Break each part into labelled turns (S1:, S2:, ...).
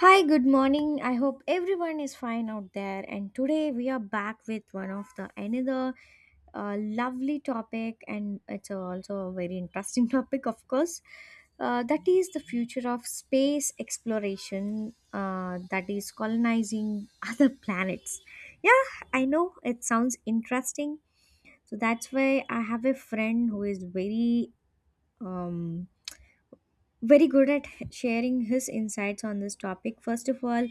S1: Hi, good morning. I hope everyone is fine out there. And today we are back with one of the another lovely topic, and it's also a very interesting topic, of course. That is the future of space exploration. That is colonizing other planets. Yeah, I know it sounds interesting. So that's why I have a friend who is very um very good at sharing his insights on this topic. First of all,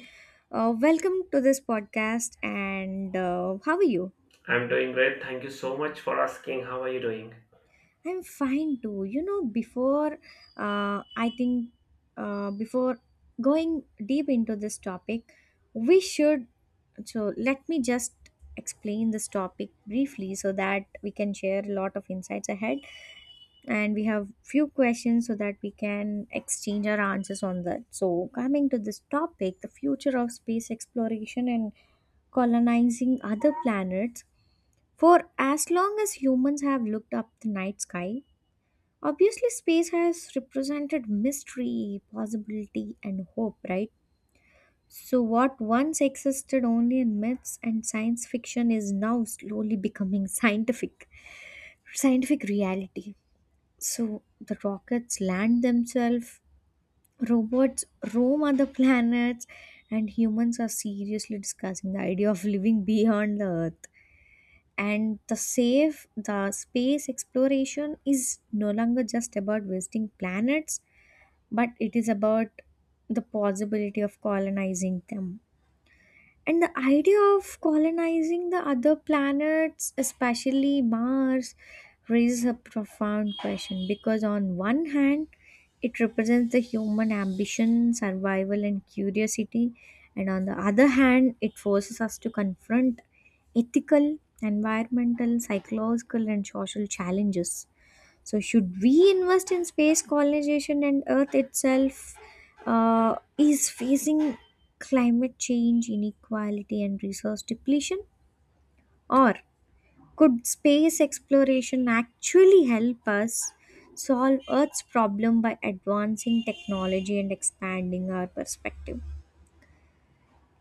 S1: welcome to this podcast, and how are you?
S2: I'm doing great. Thank you so much for asking. How are you doing?
S1: I'm fine too. You know, before I think, before going deep into this topic, we should. So, let me just explain this topic briefly so that we can share a lot of insights ahead. And we have few questions so that we can exchange our answers on that. So coming to this topic, the future of space exploration and colonizing other planets. For as long as humans have looked up the night sky, obviously space has represented mystery, possibility, and hope, right? So what once existed only in myths and science fiction is now slowly becoming scientific reality. So the rockets land themselves, robots roam other planets, and humans are seriously discussing the idea of living beyond the Earth. And the space exploration is no longer just about wasting planets, but it is about the possibility of colonizing them. And the idea of colonizing the other planets, especially Mars, raises a profound question because, on one hand, it represents the human ambition, survival, and curiosity, and on the other hand, it forces us to confront ethical, environmental, psychological, and social challenges. So, should we invest in space colonization and Earth itself is facing climate change, inequality, and resource depletion? Or could space exploration actually help us solve Earth's problem by advancing technology and expanding our perspective?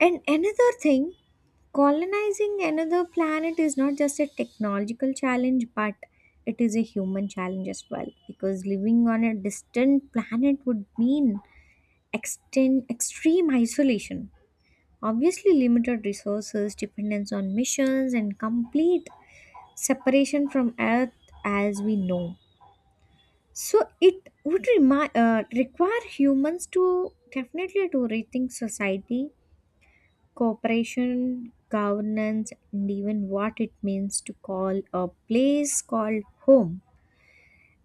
S1: And another thing, colonizing another planet is not just a technological challenge, but it is a human challenge as well. Because living on a distant planet would mean extreme isolation, obviously, limited resources, dependence on missions, and complete separation from Earth as we know. So, it would require humans to definitely to rethink society, cooperation, governance, and even what it means to call a place called home.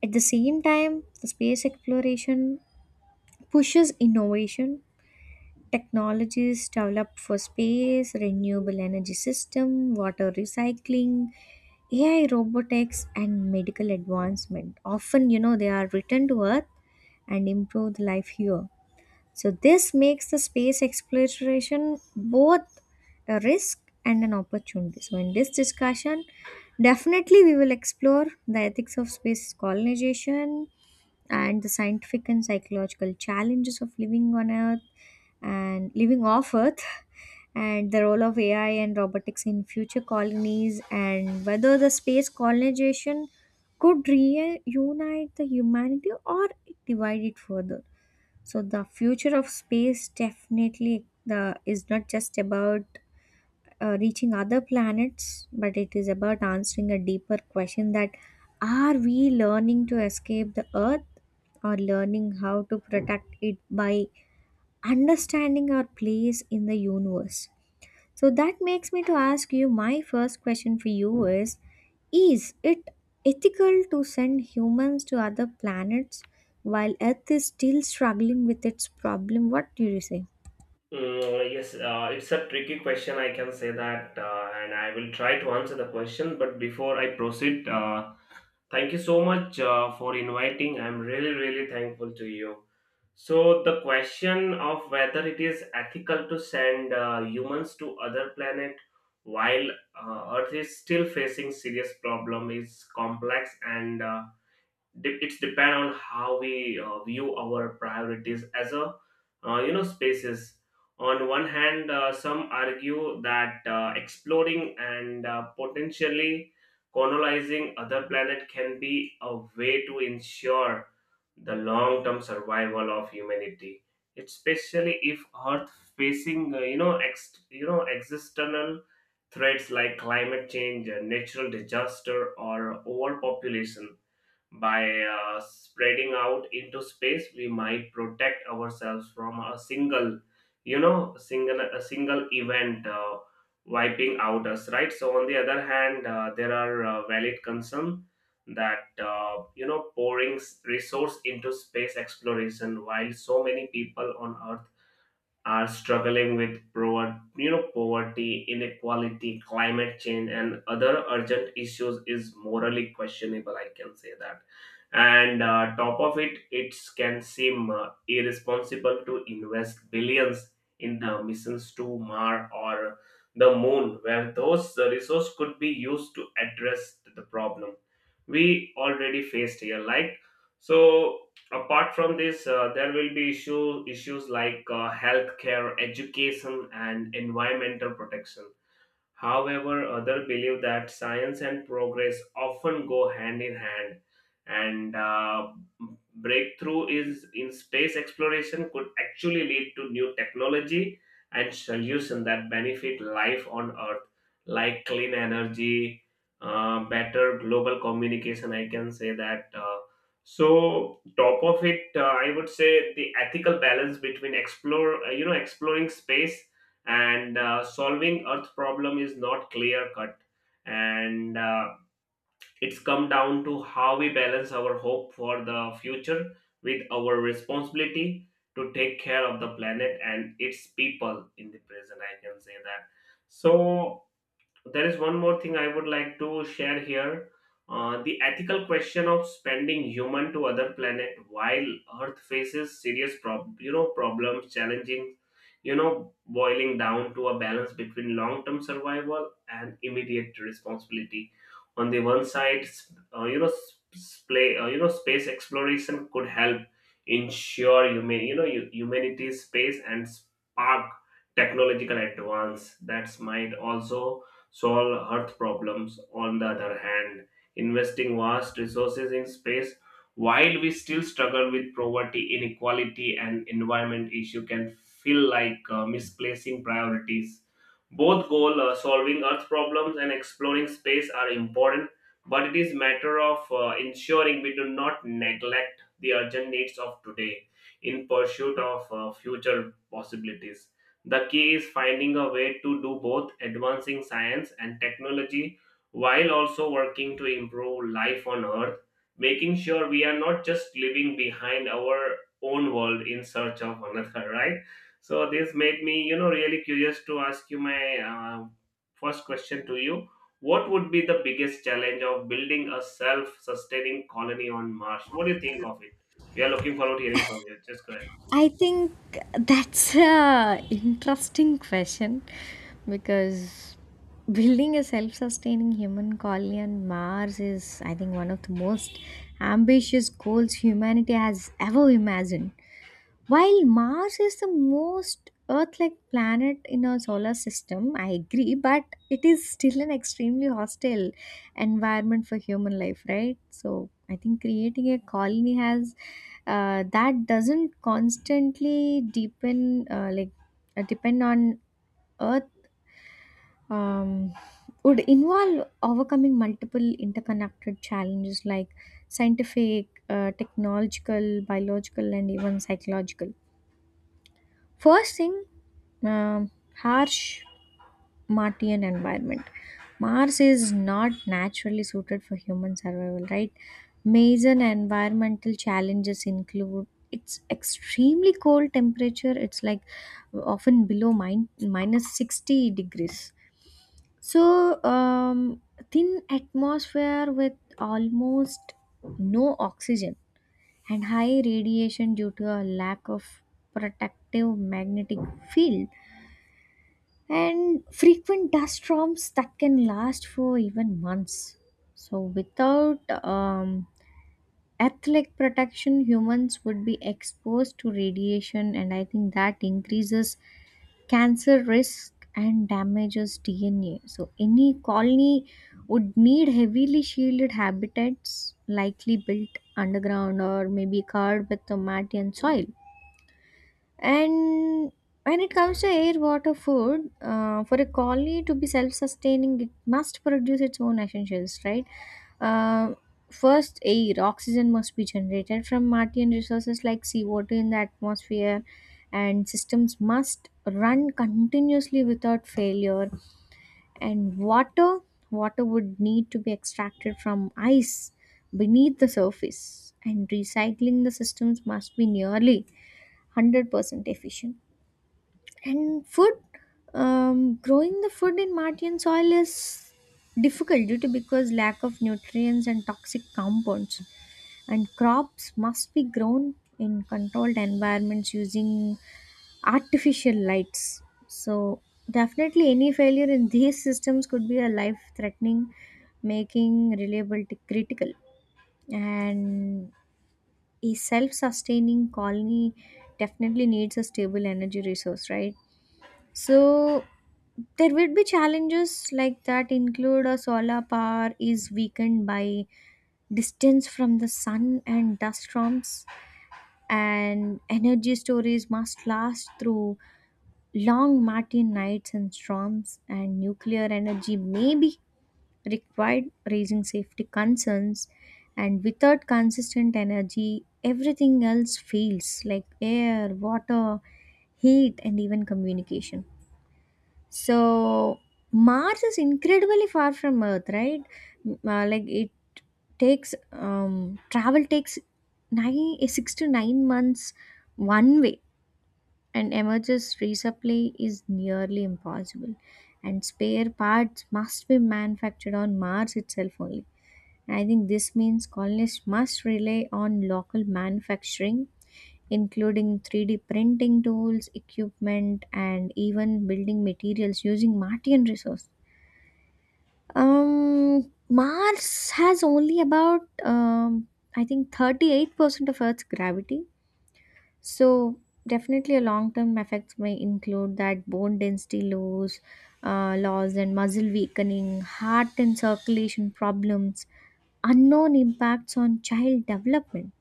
S1: At the same time, the space exploration pushes innovation. Technologies developed for space, renewable energy system, water recycling, AI robotics, and medical advancement. Often, you know, they are returned to Earth and improve the life here. So, this makes the space exploration both a risk and an opportunity. So, in this discussion, definitely we will explore the ethics of space colonization and the scientific and psychological challenges of living on Earth and living off Earth, and the role of AI and robotics in future colonies, and whether the space colonization could reunite the humanity or divide it further. So the future of space definitely the is not just about reaching other planets, but it is about answering a deeper question that are we learning to escape the Earth or learning how to protect it by understanding our place in the universe? So that makes me to ask you my first question for you is it ethical to send humans to other planets while earth is still struggling with its problem? What do you say?
S2: Yes, it's a tricky question. I can say that, and I will try to answer the question. But before I proceed, thank you so much for inviting. I'm really, really thankful to you. So, the question of whether it is ethical to send humans to other planet while Earth is still facing serious problem is complex and de- it's depend on how we view our priorities as a spaces. On one hand, some argue that exploring and potentially colonizing other planet can be a way to ensure the long term survival of humanity, especially if earth facing external threats like climate change, natural disaster or overpopulation. By spreading out into space, we might protect ourselves from a single, you know, single a single event, wiping out us, right? So on the other hand, there are valid concern that pouring resource into space exploration while so many people on Earth are struggling with poverty, inequality, climate change, and other urgent issues is morally questionable. I can say that. And top of it, it can seem irresponsible to invest billions in the missions to Mars or the Moon, where those resources could be used to address the problem we already faced here. Like, so, apart from this, there will be issues like healthcare education and environmental protection. However, others believe that science and progress often go hand in hand, and breakthrough is in space exploration could actually lead to new technology and solutions that benefit life on Earth, like clean energy, better global communication. I can say that. So top of it, I would say the ethical balance between exploring space and solving earth problem is not clear cut, and it's come down to how we balance our hope for the future with our responsibility to take care of the planet and its people in the present. I can say that. So there is one more thing I would like to share here. The ethical question of spending human to other planet while Earth faces serious problems, challenging, boiling down to a balance between long-term survival and immediate responsibility. On the one side, s- you know, sp- play, you know, space exploration could help ensure humanity's space and spark technological advance that might also solve Earth problems. On the other hand, investing vast resources in space while we still struggle with poverty, inequality, and environment issue can feel like misplacing priorities. Both goal, solving Earth problems and exploring space are important, but it is matter of ensuring we do not neglect the urgent needs of today in pursuit of future possibilities. The key is finding a way to do both, advancing science and technology while also working to improve life on Earth, making sure we are not just living behind our own world in search of another, right? So, this made me, really curious to ask you my first question to you. What would be the biggest challenge of building a self sustaining colony on Mars? What do you think of it? We are looking forward to hearing from you. Just go ahead.
S1: I think that's a interesting question because building a self-sustaining human colony on Mars is, I think, one of the most ambitious goals humanity has ever imagined. While Mars is the most Earth like planet in our solar system, I agree, but it is still an extremely hostile environment for human life, right? So I think creating a colony has that doesn't constantly deepen, depend on Earth, um, would involve overcoming multiple interconnected challenges like scientific, technological, biological, and even psychological. First thing, um, harsh Martian environment. Mars is not naturally suited for human survival, right? Major environmental challenges include it's extremely cold temperature. It's like often below minus 60 degrees. So thin atmosphere with almost no oxygen and high radiation due to a lack of protective magnetic field and frequent dust storms that can last for even months. So, without um, athletic protection, humans would be exposed to radiation, and I think that increases cancer risk and damages DNA. So, any colony would need heavily shielded habitats, likely built underground or maybe covered with the matte and soil. And when it comes to air, water, food, for a colony to be self sustaining, it must produce its own essentials, right? Uh, first, air, oxygen must be generated from Martian resources like seawater in the atmosphere, and systems must run continuously without failure. And water would need to be extracted from ice beneath the surface, and recycling the systems must be nearly 100% efficient. And food, growing the food in Martian soil is difficult due to because lack of nutrients and toxic compounds. And crops must be grown in controlled environments using artificial lights. So definitely, any failure in these systems could be a life-threatening, making reliability critical. And a self-sustaining colony definitely needs a stable energy resource, right? So there would be challenges like that include a solar power is weakened by distance from the sun and dust storms, and energy storage must last through long Martian nights and storms, and nuclear energy may be required, raising safety concerns. And without consistent energy, everything else fails like air, water, heat, and even communication. So Mars is incredibly far from Earth, right? Like it takes um, travel takes 6 to 9 months one way, and emerges resupply is nearly impossible. And spare parts must be manufactured on Mars itself only. I think this means colonists must rely on local manufacturing, including 3D printing tools, equipment, and even building materials using Martian resources. Mars has only about, I think, 38% of Earth's gravity. So, definitely, a long term effects may include that bone density loss, and muscle weakening, heart and circulation problems, unknown impacts on child development.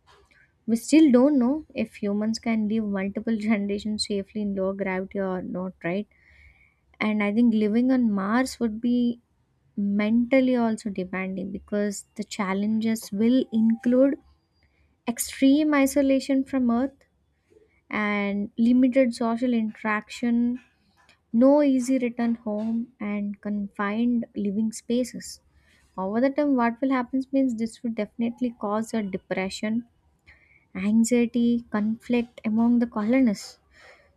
S1: We still don't know if humans can live multiple generations safely in low gravity or not, right? And I think living on Mars would be mentally also demanding because the challenges will include extreme isolation from Earth and limited social interaction, no easy return home, and confined living spaces. Over the time, what will happen means this would definitely cause a depression, anxiety, conflict among the colonists.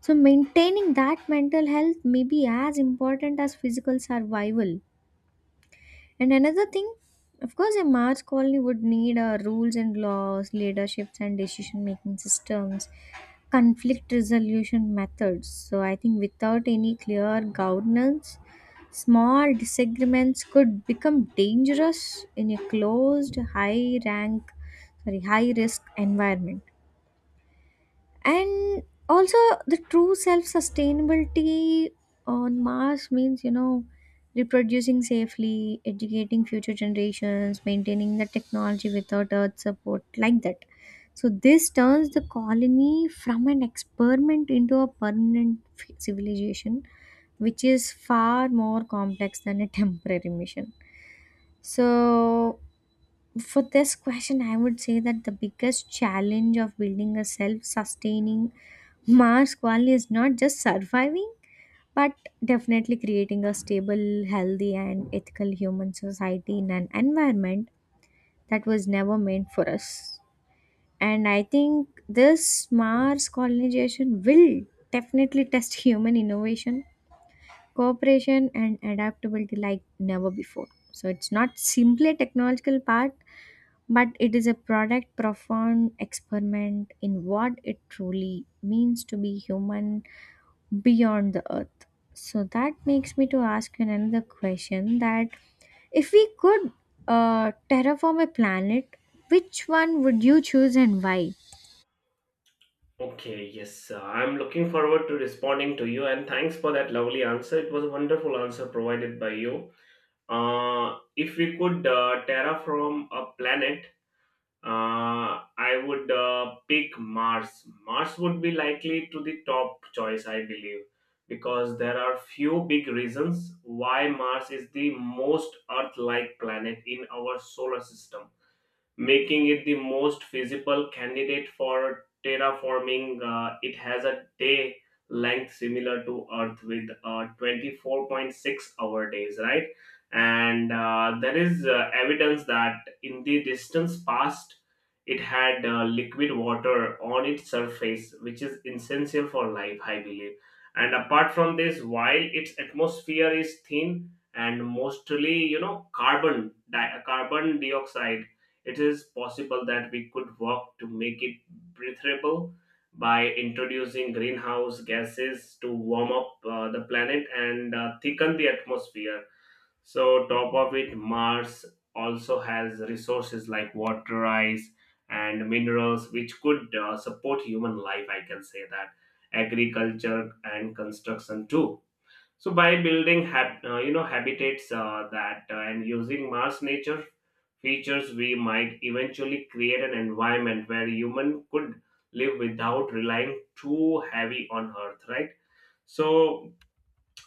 S1: So, maintaining that mental health may be as important as physical survival. And another thing, of course, a Mars colony would need rules and laws, leaderships and decision making systems, conflict resolution methods. So, I think without any clear governance, small disagreements could become dangerous in a closed, high risk environment. And also, the true self sustainability on Mars means, you know, reproducing safely, educating future generations, maintaining the technology without earth support like that. So this turns the colony from an experiment into a permanent civilization, which is far more complex than a temporary mission. So for this question, I would say that the biggest challenge of building a self sustaining Mars colony is not just surviving, but definitely creating a stable, healthy, and ethical human society in an environment that was never meant for us. And I think this Mars colonization will definitely test human innovation, cooperation, and adaptability like never before. So it's not simply a technological part, but it is a product profound experiment in what it truly means to be human beyond the earth. So that makes me to ask you another question that if we could terraform a planet, which one would you choose and why?
S2: Okay, yes, I'm looking forward to responding to you, and thanks for that lovely answer. It was a wonderful answer provided by you. If we could terraform a planet, I would pick Mars. Mars would be likely to the top choice, I believe, because there are few big reasons why Mars is the most Earth-like planet in our solar system, making it the most feasible candidate for terraforming. It has a day length similar to Earth with 24.6-hour days, right? And there is evidence that in the distance past, it had liquid water on its surface, which is essential for life, I believe. And apart from this, while its atmosphere is thin and mostly, carbon dioxide, it is possible that we could work to make it breathable by introducing greenhouse gases to warm up the planet and thicken the atmosphere. So, top of it, Mars also has resources like water, ice, and minerals which could support human life. I can say that, agriculture and construction too. So by building habitats that and using Mars nature features, we might eventually create an environment where human could live without relying too heavy on Earth, right? So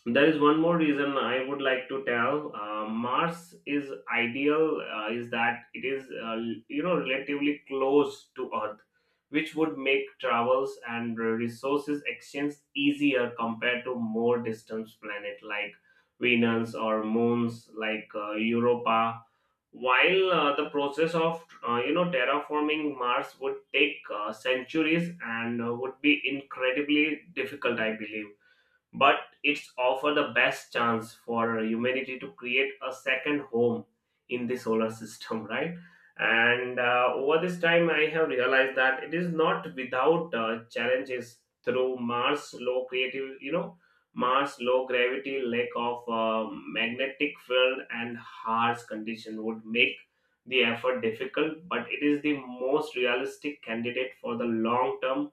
S2: there is one more reason I would like to tell. Mars is ideal, is that it is relatively close to Earth, which would make travels and resources exchange easier compared to more distant planet like Venus or moons like Europa. While the process of terraforming Mars would take centuries and would be incredibly difficult, I believe, but it's offer the best chance for humanity to create a second home in the solar system, right. And over this time I have realized that it is not without challenges. Through mars low creative you know mars low gravity, lack of magnetic field and harsh condition would make the effort difficult, but it is the most realistic candidate for the long term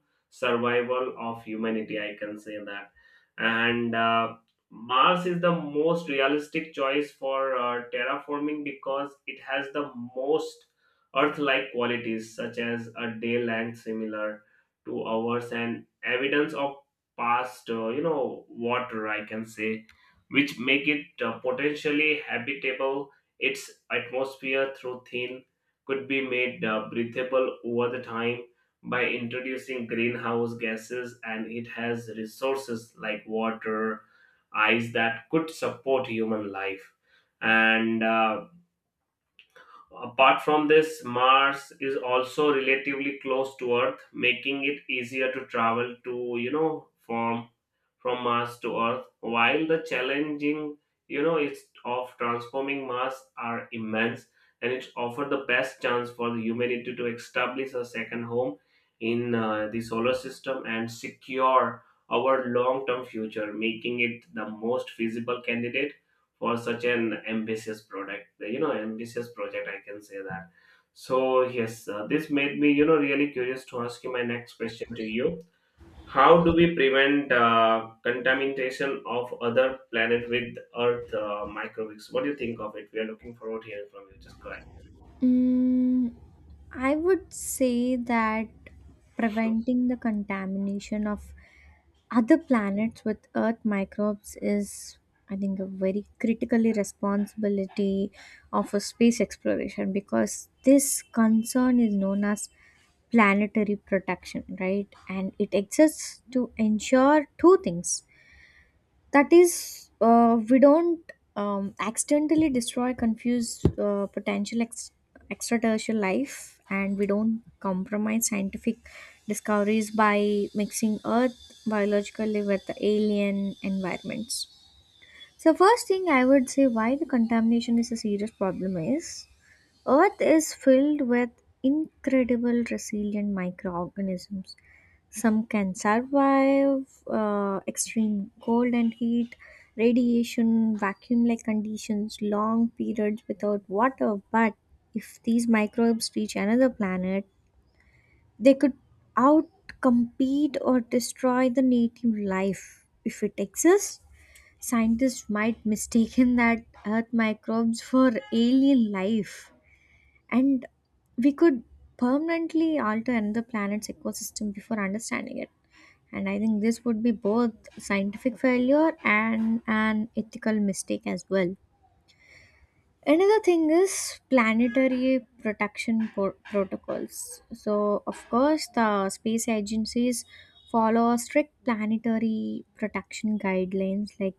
S2: survival of humanity. I can say that. And Mars is the most realistic choice for terraforming because it has the most Earth-like qualities such as a day length similar to ours and evidence of past, water, I can say, which make it potentially habitable. Its atmosphere through thin could be made breathable over the time by introducing greenhouse gases, and it has resources like water, ice that could support human life. And apart from this, Mars is also relatively close to Earth, making it easier to travel to, from Mars to Earth. While the challenging, it's of transforming Mars are immense, and it offers the best chance for the humanity to establish a second home in the solar system and secure our long-term future, making it the most feasible candidate for such an ambitious product you know ambitious project. I can say that. So yes, this made me, really curious to ask you my next question to you. How do we prevent contamination of other planet with earth microbes? What do you think of it? We are looking forward to hearing from you. Just go ahead.
S1: Mm, I would say that preventing the contamination of other planets with earth microbes is, I think, a very critically responsibility of a space exploration because this concern is known as planetary protection, right? And it exists to ensure two things, that is, we don't accidentally destroy confuse potential extraterrestrial life, and we don't compromise scientific discoveries by mixing earth biologically with the alien environments. So first thing, I would say why the contamination is a serious problem is Earth is filled with incredible resilient microorganisms. Some can survive extreme cold and heat, radiation, vacuum like conditions, long periods without water. But if these microbes reach another planet, they could outcompete or destroy the native life if it exists. Scientists might mistaken that Earth microbes for alien life and we could permanently alter another planet's ecosystem before understanding it, and I think this would be both scientific failure and an ethical mistake as well. Another thing is planetary protection protocols. So of course the space agencies follow strict planetary protection guidelines. Like,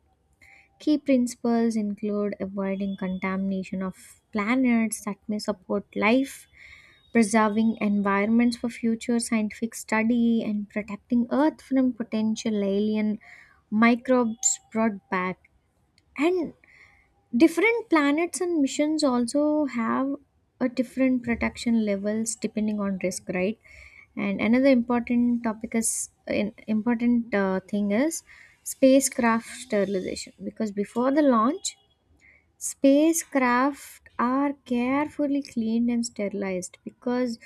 S1: key principles include avoiding contamination of planets that may support life, preserving environments for future scientific study, and protecting earth from potential alien microbes brought back. And different planets and missions also have a different protection levels depending on risk, right? And another important topic is in, important thing is spacecraft sterilization, because before the launch spacecraft are carefully cleaned and sterilized. Because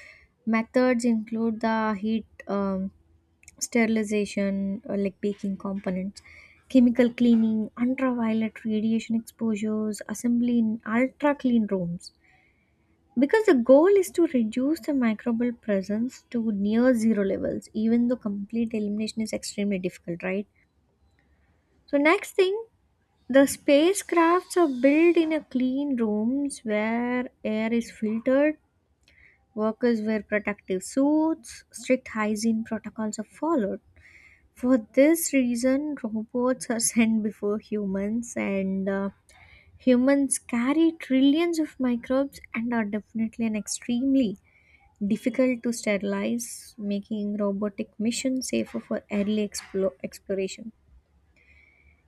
S1: methods include the heat sterilization, like baking components, chemical cleaning, ultraviolet radiation exposures, assembly in ultra clean rooms. Because the goal is to reduce the microbial presence to near zero levels, even though complete elimination is extremely difficult, right? So, next thing, the spacecrafts are built in a clean rooms where air is filtered. Workers wear protective suits. Strict hygiene protocols are followed. For this reason, robots are sent before humans, and humans carry trillions of microbes and are definitely and extremely difficult to sterilize, making robotic missions safer for early exploration.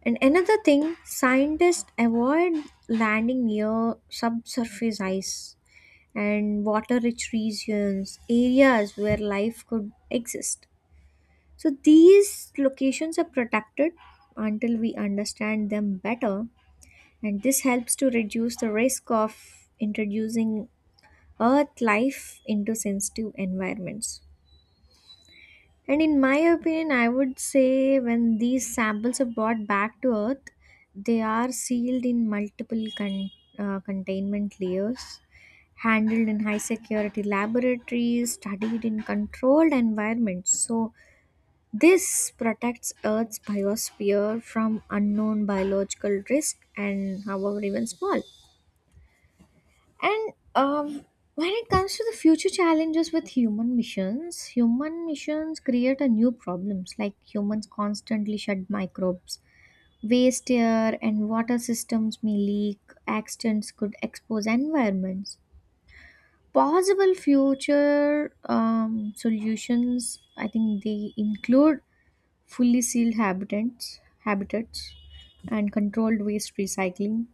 S1: And another thing, scientists avoid landing near subsurface ice and water rich regions, areas where life could exist. So these locations are protected until we understand them better, and this helps to reduce the risk of introducing Earth life into sensitive environments. And in my opinion, I would say when these samples are brought back to Earth, they are sealed in multiple containment layers, handled in high security laboratories, studied in controlled environments. So, this protects Earth's biosphere from unknown biological risk and, however, even small. And when it comes to the future challenges with human missions create a new problems, like humans constantly shed microbes, waste air and water systems may leak, accidents could expose environments. Possible future solutions, I think, they include fully sealed habitats, habitats and controlled waste recycling,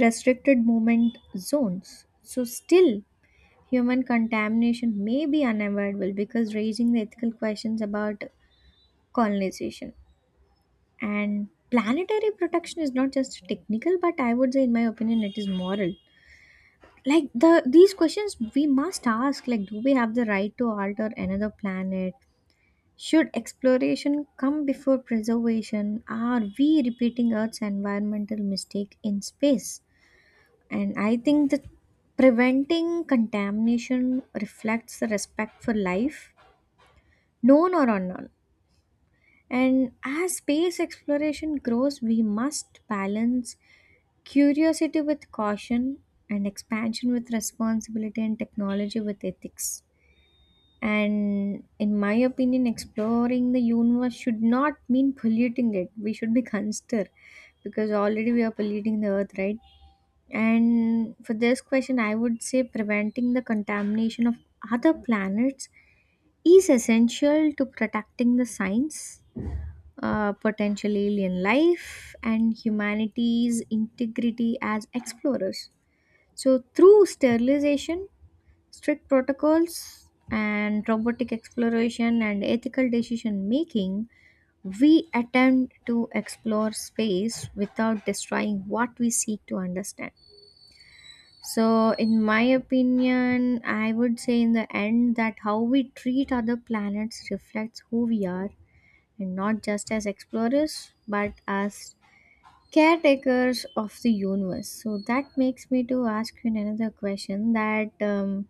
S1: restricted movement zones. So still human contamination may be unavoidable, because raising the ethical questions about colonization. And planetary protection is not just technical, but I would say, in my opinion, it is moral. Like, these questions we must ask, like, do we have the right to alter another planet? Should exploration come before preservation? Are we repeating Earth's environmental mistake in space? And I think that preventing contamination reflects the respect for life. No, no, no, no, no. And as space exploration grows, we must balance curiosity with caution, and expansion with responsibility, and technology with ethics. And in my opinion, exploring the universe should not mean polluting it. We should be consider, because already we are polluting the earth, right? And for this question, I would say preventing the contamination of other planets is essential to protecting the science, potential alien life, and humanity's integrity as explorers. So, through sterilization, strict protocols, and robotic exploration and ethical decision making, we attempt to explore space without destroying what we seek to understand. So, in my opinion, I would say in the end that how we treat other planets reflects who we are, and not just as explorers but as caretakers of the universe. So that makes me to ask you another question, that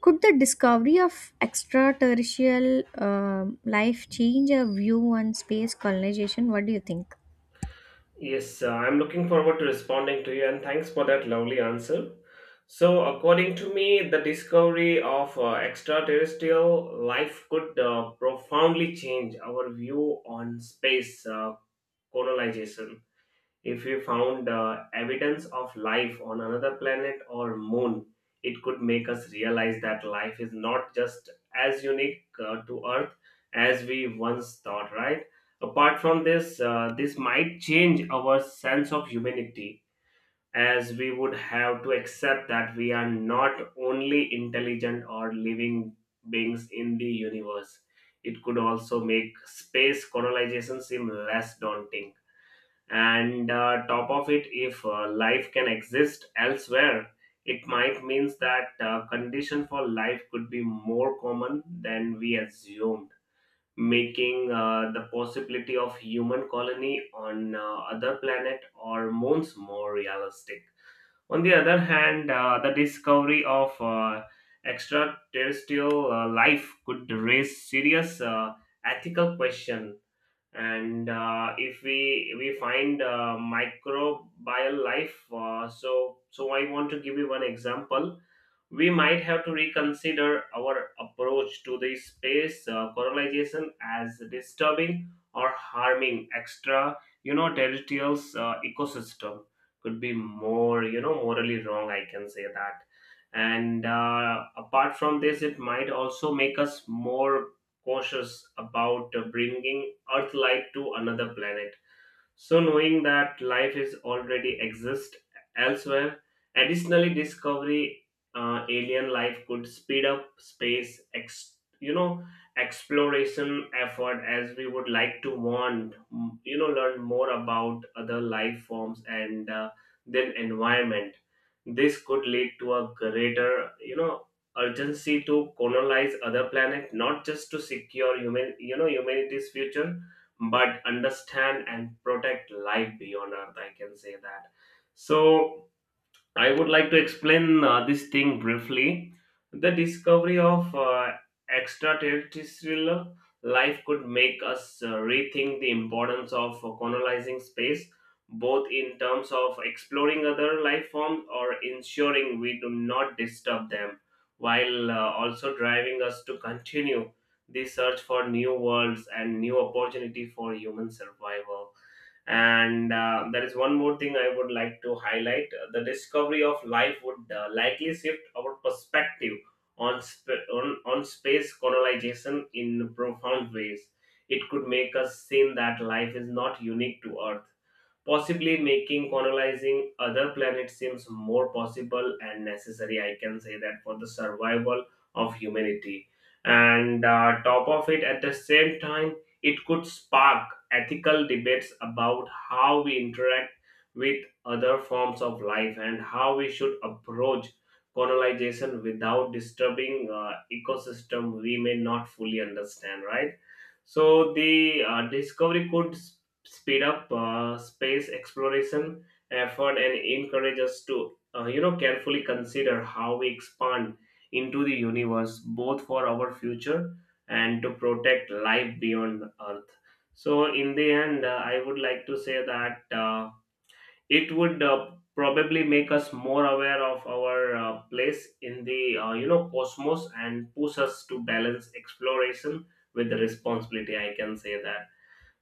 S1: could the discovery of extraterrestrial life change our view on space colonization? What do you think?
S2: Yes, I'm looking forward to responding to you, and thanks for that lovely answer. So, according to me, the discovery of extraterrestrial life could profoundly change our view on space colonization. If we found evidence of life on another planet or moon, it could make us realize that life is not just as unique to Earth as we once thought, right? Apart from this, this might change our sense of humanity, as we would have to accept that we are not only intelligent or living beings in the universe. It could also make space colonization seem less daunting. And top of it, if life can exist elsewhere, it might means that condition for life could be more common than we assumed, making the possibility of human colony on other planet or moons more realistic. On the other hand, the discovery of extraterrestrial life could raise serious ethical question. And if we find microbial life, so I want to give you one example. We might have to reconsider our approach to the space colonization, as disturbing or harming extra, territorial ecosystem could be more, morally wrong. I can say that. And apart from this, it might also make us more cautious about bringing Earthlight to another planet. So, knowing that life is already exist elsewhere, additionally, discovery alien life could speed up space exploration effort, as we would like to want, learn more about other life forms and then environment. This could lead to a greater, urgency to colonize other planet, not just to secure humanity's future, but understand and protect life beyond earth. I can say that. So I would like to explain this thing briefly. The discovery of extraterrestrial life could make us rethink the importance of colonizing space, both in terms of exploring other life forms or ensuring we do not disturb them, while also driving us to continue the search for new worlds and new opportunity for human survival. And there is one more thing I would like to highlight. The discovery of life would likely shift our perspective on, sp- on space colonization in profound ways. It could make us see that life is not unique to earth, possibly making colonizing other planets seems more possible and necessary. I can say that, for the survival of humanity. And top of it, at the same time, it could spark ethical debates about how we interact with other forms of life and how we should approach colonization without disturbing ecosystem we may not fully understand, right? So the discovery could speed up space exploration effort and encourage us to carefully consider how we expand into the universe, both for our future and to protect life beyond earth. So in the end, I would like to say that it would probably make us more aware of our place in the cosmos and push us to balance exploration with the responsibility. I can say that.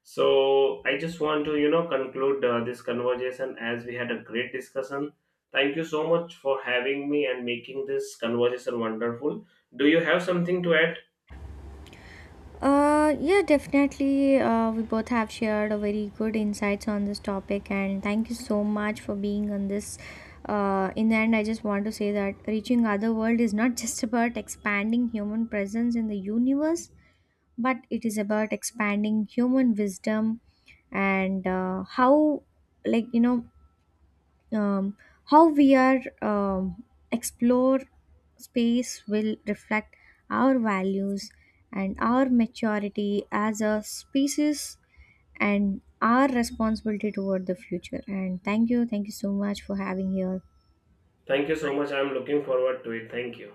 S2: So I just want to, conclude this conversation, as we had a great discussion. Thank you so much for having me and making this conversation wonderful. Do you have something to add?
S1: Yeah, definitely. We both have shared a very good insights on this topic, and thank you so much for being on this. In the end, I just want to say that reaching other world is not just about expanding human presence in the universe, but it is about expanding human wisdom. And how, like, you know, um, how we are explore space will reflect our values, and our maturity as a species, and our responsibility toward the future. And thank you so much for having here.
S2: Thank you so much. I'm looking forward to it. Thank you.